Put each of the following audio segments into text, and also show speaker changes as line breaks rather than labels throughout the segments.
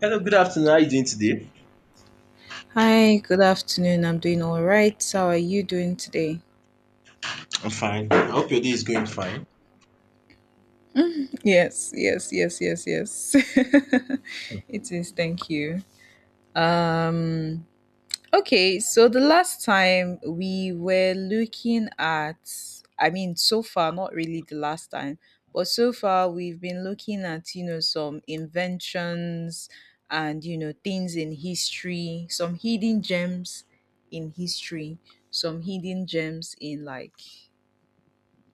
Hello, good afternoon. How are you doing today?
Hi, good afternoon. I'm doing all right. How are you doing today?
I'm fine. I hope your day is going fine.
Yes, yes, yes, yes, yes. It is. Thank you. Um okay, so the last time we were looking at, so far not really the last time, but so far we've been looking at, some inventions and, things in history, some hidden gems in history, some hidden gems in like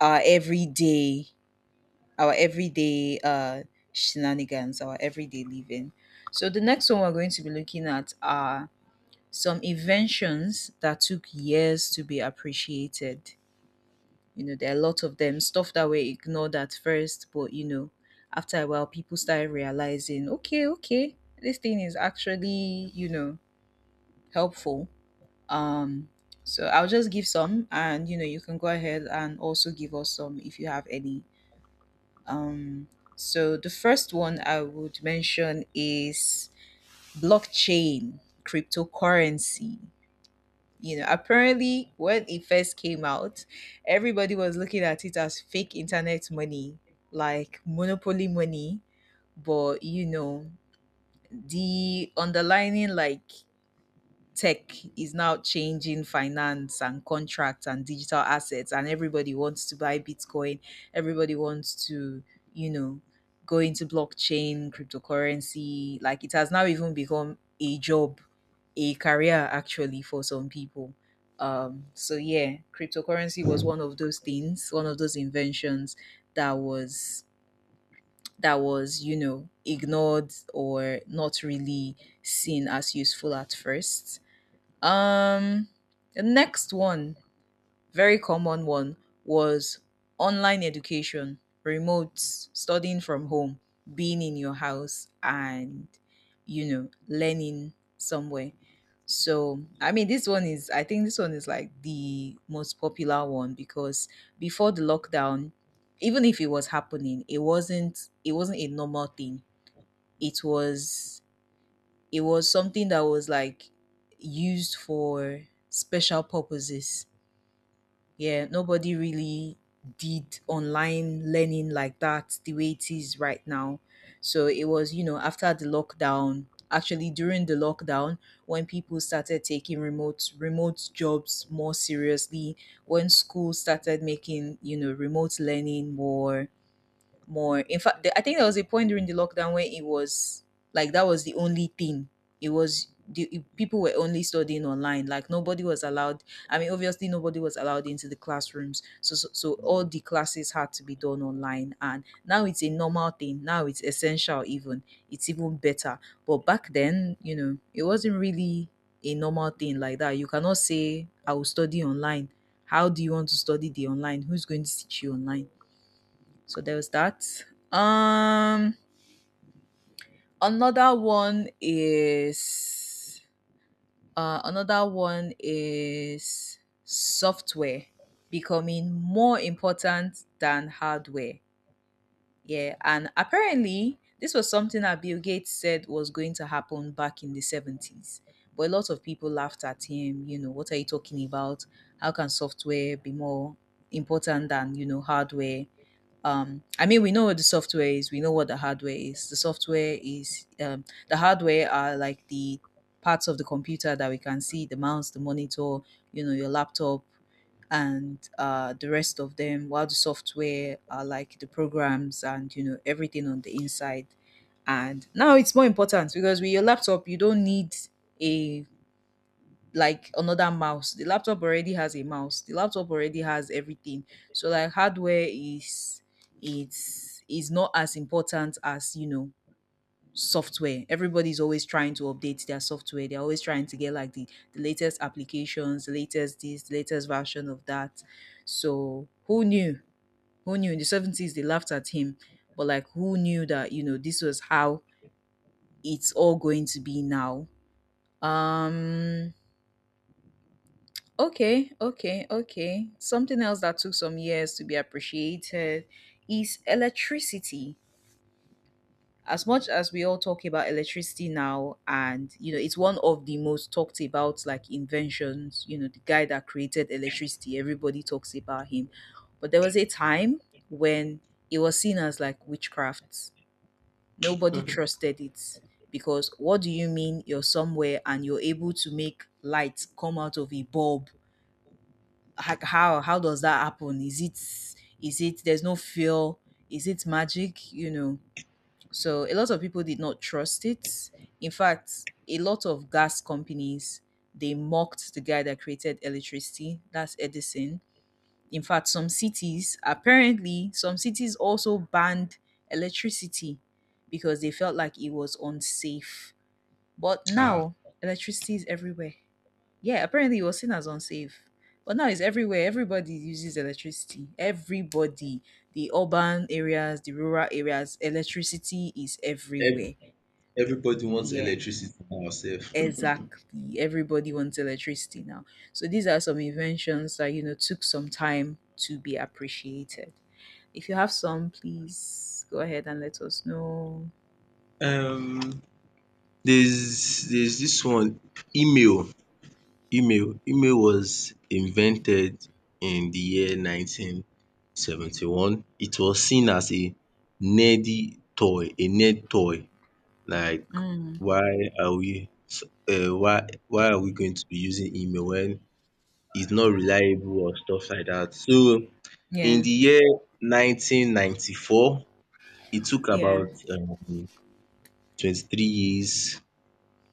our everyday our everyday shenanigans, our everyday living. So the next one we're going to be looking at are some inventions that took years to be appreciated. You know, there are a lot of them, stuff that were ignored at first, but you know, after a while people started realizing, okay, okay, this thing is actually, you know, helpful. um so I'll just give some, and you know, you can go ahead and also give us some if you have any. Um, so the first one I would mention is blockchain, cryptocurrency. You know, apparently when it first came out, everybody was looking at it as fake internet money, like monopoly money. But you know, the underlining like tech is now changing finance and contracts and digital assets, and everybody wants to buy bitcoin, everybody wants to, you know go into blockchain cryptocurrency. Like it has now even become a job, a career actually, for some people. So yeah, cryptocurrency was one of those things, one of those inventions that was you know, ignored or not really seen as useful at first. um, the next one, very common one, was online education, remote studying from home, being in your house, and you know, learning somewhere. So, I mean, I think this one is like the most popular one because before the lockdown, even if it was happening, it wasn't a normal thing. It was, it was something that was like used for special purposes. Yeah, nobody really did online learning like that, the way it is right now. So it was, you know, after the lockdown, actually during the lockdown, when people started taking remote jobs more seriously, when schools started making, you know, remote learning more, more. In fact, I think there was a point during the lockdown where it was like that was the only thing. It was the it- People were only studying online. Like nobody was allowed. I mean, obviously nobody was allowed into the classrooms. So all the
Yeah.
classes had to be done online. And now it's a normal thing. Now it's essential. Even it's even better. But back then, you know, it wasn't really a normal thing like that. You cannot say I will study online. How do you want to study the online? Who's going to teach you online? So there was that. Um, Another one is, another one is software becoming more important than hardware. Yeah, and apparently this was something that Bill Gates said was going to happen back in the 70s. But a lot of people laughed at him. You know, what are you talking about? How can software be more important than you know hardware? I mean, we know what the software is, we know what the hardware is. The software is, the hardware are like the parts of the computer that we can see, the mouse, the monitor, you know, your laptop and the rest of them, while the software are like the programs and, you know, everything on the inside. And now it's more important because with your laptop, you don't need a like another mouse. The laptop already has a mouse. The laptop already has everything. So like hardware is, it's is not as important as you know software. Everybody's always trying to update their software. They're always trying to get like the latest applications, the latest this, the latest version of that. So who knew? Who knew in the 70s they laughed at him. But like who knew that, you know, this was how it's all going to be now? Um Okay, okay, okay. Something else that took some years to be appreciated is electricity. As much as we all talk about electricity now, and you know, it's one of the most talked about like inventions, you know, the guy that created electricity, everybody talks about him. But there was a time when it was seen as like witchcraft. Nobody trusted it because what do you mean you're somewhere and you're able to make light come out of a bulb? How does that happen? Is it, is it, there's no fear? Is it magic? You know. So a lot of people did not trust it. In fact, a lot of gas companies, they mocked the guy that created electricity. That's Edison. In fact, some cities, apparently some cities also banned electricity because they felt like it was unsafe. But
Ah,
now electricity is everywhere. Yeah, apparently it was seen as unsafe. But now it's everywhere. Everybody uses electricity. Everybody. The urban areas, the rural areas, electricity is
Ev-
everywhere.
everybody wants
Yeah,
electricity for ourselves.
exactly. Everybody wants electricity now. So these are some inventions that, you know, took some time to be appreciated. If you have some, please go ahead and let us know.
um, there's this one email. Email was invented in the year 1971. It was seen as a nerdy toy, a nerd toy. Like,
Mm,
why are we? Why are we going to be using email when is not reliable or stuff like that. So in
yeah,
the year 1994, it took
yeah.
about 23 years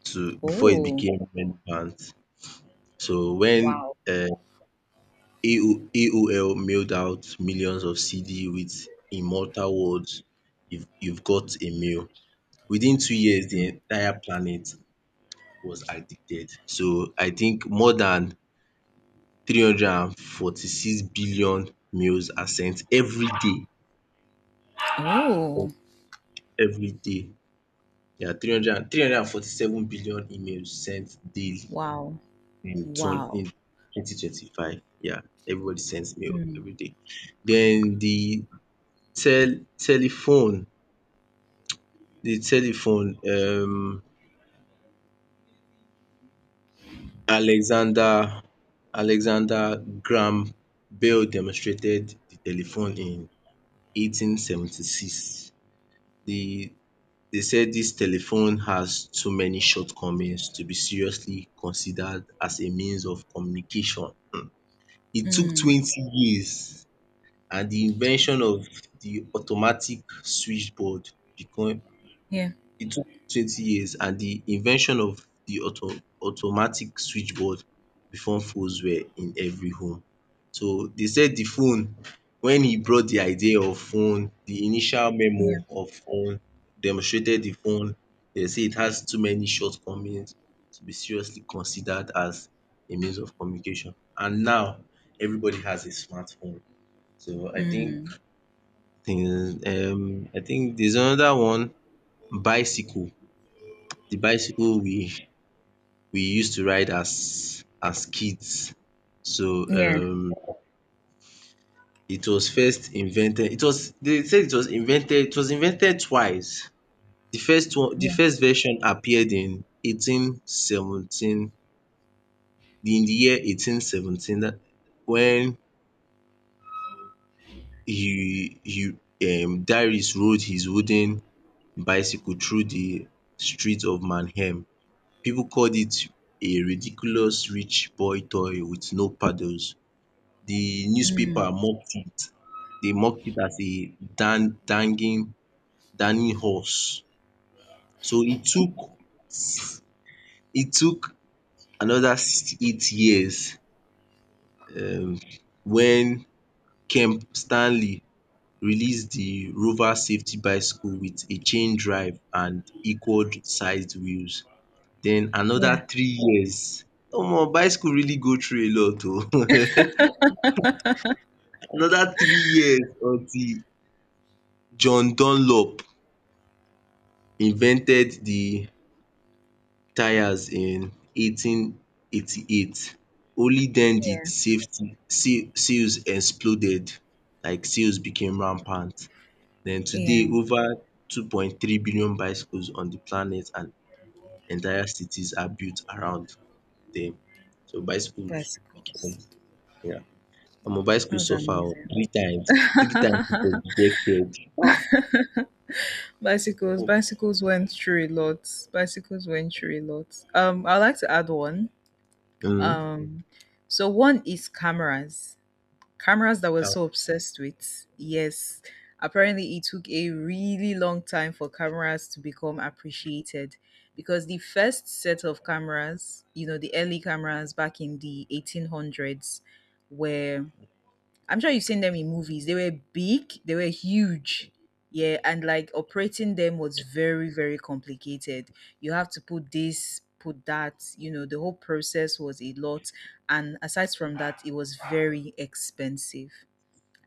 to before it
Oh,
became relevant. So when
wow.
AOL mailed out millions of CD with immortal words, you've got a mail. Within 2 years, the
Mm.
entire planet was addicted. So I think more than 346 billion mails are sent every day of
Oh,
every day. There are three hundred and forty-seven billion emails sent daily
wow.
in turn
Wow.
in 2025. Yeah, everybody sends mail
Mm.
every day. Den the tel telephone telephone. Alexander Alexander Graham Bell demonstrated the telephone in 1876. The They said this telephone has too many shortcomings to be seriously considered as a means of communication. It took
Mm.
20 years and the invention of the automatic switchboard. Become
Yeah.
It took 20 years and the invention of the automatic switchboard before phones were in every home. So they said the phone when he brought the idea of phone, the initial
Yeah.
memo of phone, demonstrated the phone, they say it has too many shortcomings to be seriously considered as a means of communication. And now everybody has a smartphone. So I think
Mm.
things. I think there's another one, bicycle. The bicycle we used to ride as kids. So
Yeah.
um it was first invented, it was, they say it was invented twice. The
Yeah.
first version appeared in 1817, in the year 1817 dat when he Darius rode his wooden bicycle through the street of Mannheim. Pipu called it a ridiculous rich boy toy with no paddles. The newspaper
Mm.
mocked it. They mocked it as a dan danging dunning horse. So it took another 68 years um when Kemp Stanley released the Rover safety bicycle with a chain drive and equal-sized wheels. Then
Yeah.
another 3 years. Omo bicycle really go through a lot oh. Another 3 years until John Dunlop invented the tyres in 1888. Only then did
Yeah.
safety sales exploded like sales became rampant. Then today
Yeah.
over 2.3 billion bicycles on the planet and entire cities are built around them. So bicycles became.
Bicycles.
Yeah. Omo
That
bicycles
was
suffer oo
amazing.
three times it was rejected. Ah.
Bicycles. Bicycles went through a lot. Bicycles went through a lot. I'd like to add one.
Mm.
Um, so one is cameras. Cameras that we're so obsessed with. Yes, apparently it took a really long time for cameras to become appreciated because the first set of cameras, you know, the early cameras back in the 1800s were, I'm sure you've seen them in movies. They were big, they were huge. Yeah, and like operating them was very, very complicated. You have to put this, put that, you know, the whole process was a lot. And aside from that, it was very expensive.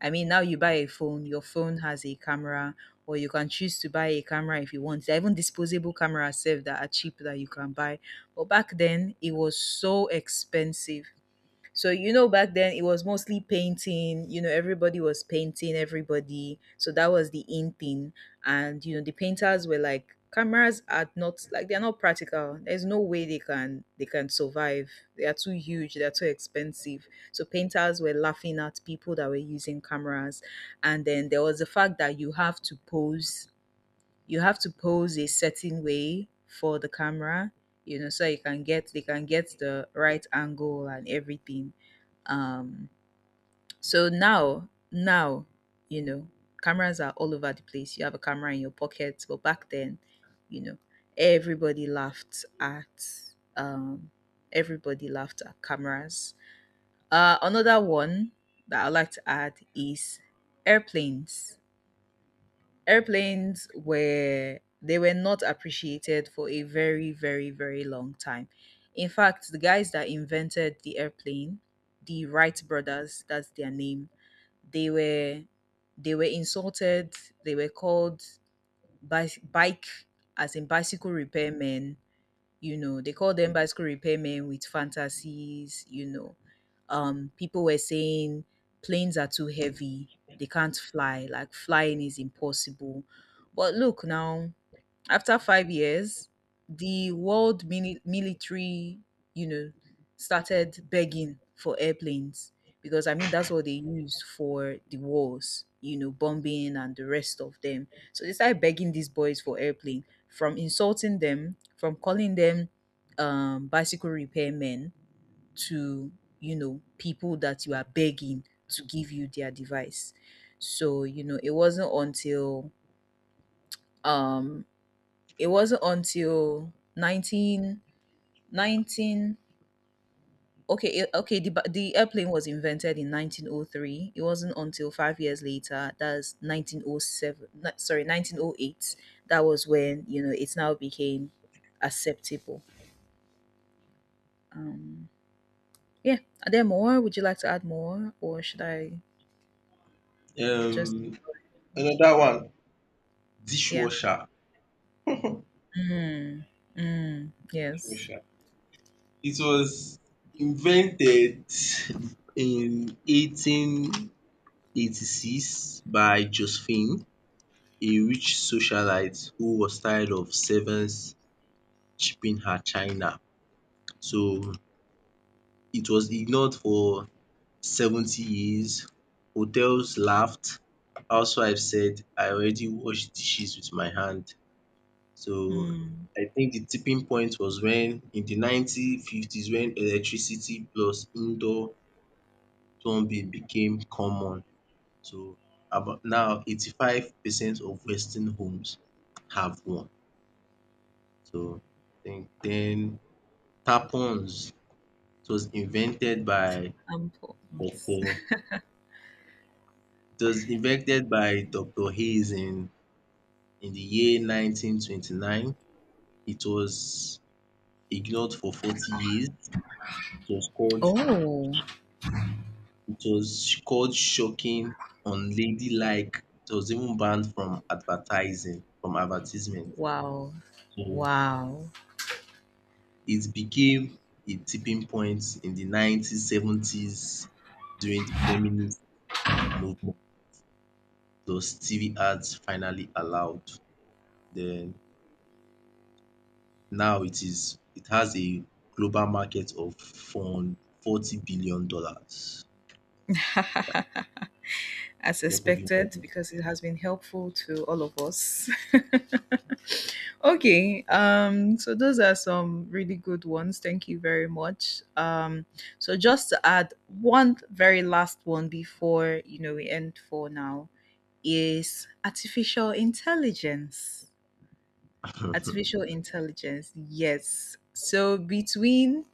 I mean, now you buy a phone, your phone has a camera, or you can choose to buy a camera if you want. There are even disposable cameras self that are cheap that you can buy. But back then, it was so expensive. So, you know, back then it was mostly painting. You know, everybody was painting everybody. So that was the in thing. And, you know, the painters were like, cameras are not, like, they're not practical. There's no way they can survive. They are too huge, they're too expensive. So painters were laughing at people that were using cameras. And then there was the fact that you have to pose, you have to pose a certain way for the camera, you know, so you can get, they can get the right angle and everything. um, so now, now, you know, cameras are all over the place. You have a camera in your pocket, but back then, you know, everybody laughed at, um, everybody laughed at cameras. Another one that I'd like to add is airplanes. Airplanes were, they were not appreciated for a very, very, very long time. In fact, the guys that invented the airplane, the Wright brothers, that's their name, they were, they were insulted. They were called bike, as in bicycle repairmen. You know, they called them bicycle repairmen with fantasies. You know, people were saying planes are too heavy. They can't fly. Like flying is impossible. But look now, after 5 years, the military, you know, started begging for airplanes because I mean that's what they used for the wars, you know, bombing and the rest of them. So they started begging these boys for airplane, from insulting them, from calling them, bicycle repairmen to, you know, people that you are begging to give you their device. So you know, um it wasn't until 19 19. Okay, it, okay, the, ba- the airplane was invented in 1903. It wasn't until 5 years later, that's 1907, no, sorry, 1908, that was when, you know, it's now became acceptable. Um, yeah, are there more? Would you like to add more? Or should I just,
um Another one,
yeah.
dishwasher.
Mm, mm, yes.
Sure, it was invented in 1886 by Josephine, a rich socialite who was tired of servants shipping her china. So it was ignored for 70 years. Hotels laughed. Housewives said, "I already wash dishes with my hand." So
Mm,
I think the tipping point was when in the 1950s when electricity plus indoor Thornbill became common. So about now 85% of western homes have one. So then tampons, it was invented by
important.
Doctor it was invented by Doctor Hayes in the year 1929. It was ignored for 40 years. Was called
Oh,
it was called shocking, unladylike. It was even banned from advertising from advertisement.
wow.
So
Wow.
it became a tipping point in the 1970s during the feminist movement plus TV ads finally allowed. Then now it has a global market of fund $40 billion dollars. Yeah,
As
a lot of
expected, because it has been helpful to all of us. Okay, so those are some really good ones. Thank you very much. So just to add one very last one before you know we end for now is artificial intelligence. Artificial
women
intelligence, yes. So between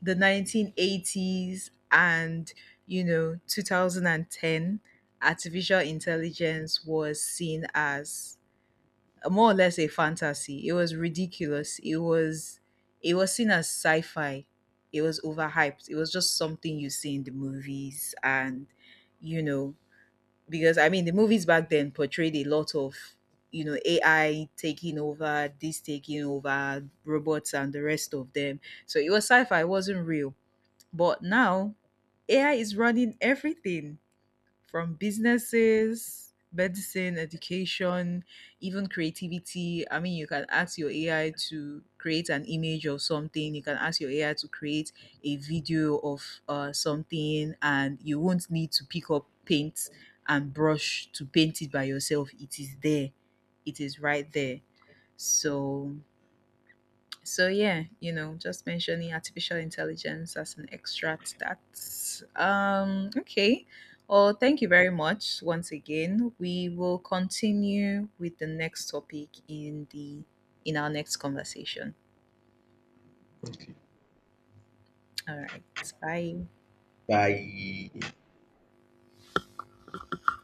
the 1980s and you know 2010, artificial intelligence was seen as a, more or less, a fantasy. It was ridiculous. It was, it was seen as sci-fi. It was overhyped. It was just something you see in the movies. And you know, because I mean the movies back then portrayed a lot of, you know, AI taking over this, taking over robots and the rest of them. So it was sci-fi, it wasn't real. But now AI is running everything, from businesses, medicine, education, even creativity. I mean, you can ask your AI to create an image of something, you can ask your AI to create a video of something, and you won't need to pick up paint and brush to paint it by yourself. It is there, it is right there. So, so yeah, you know, just mentioning artificial intelligence as an extract. That's okay. Well, thank you very much once again. We will continue with the next topic in the, in our next conversation. All right. Bye.
by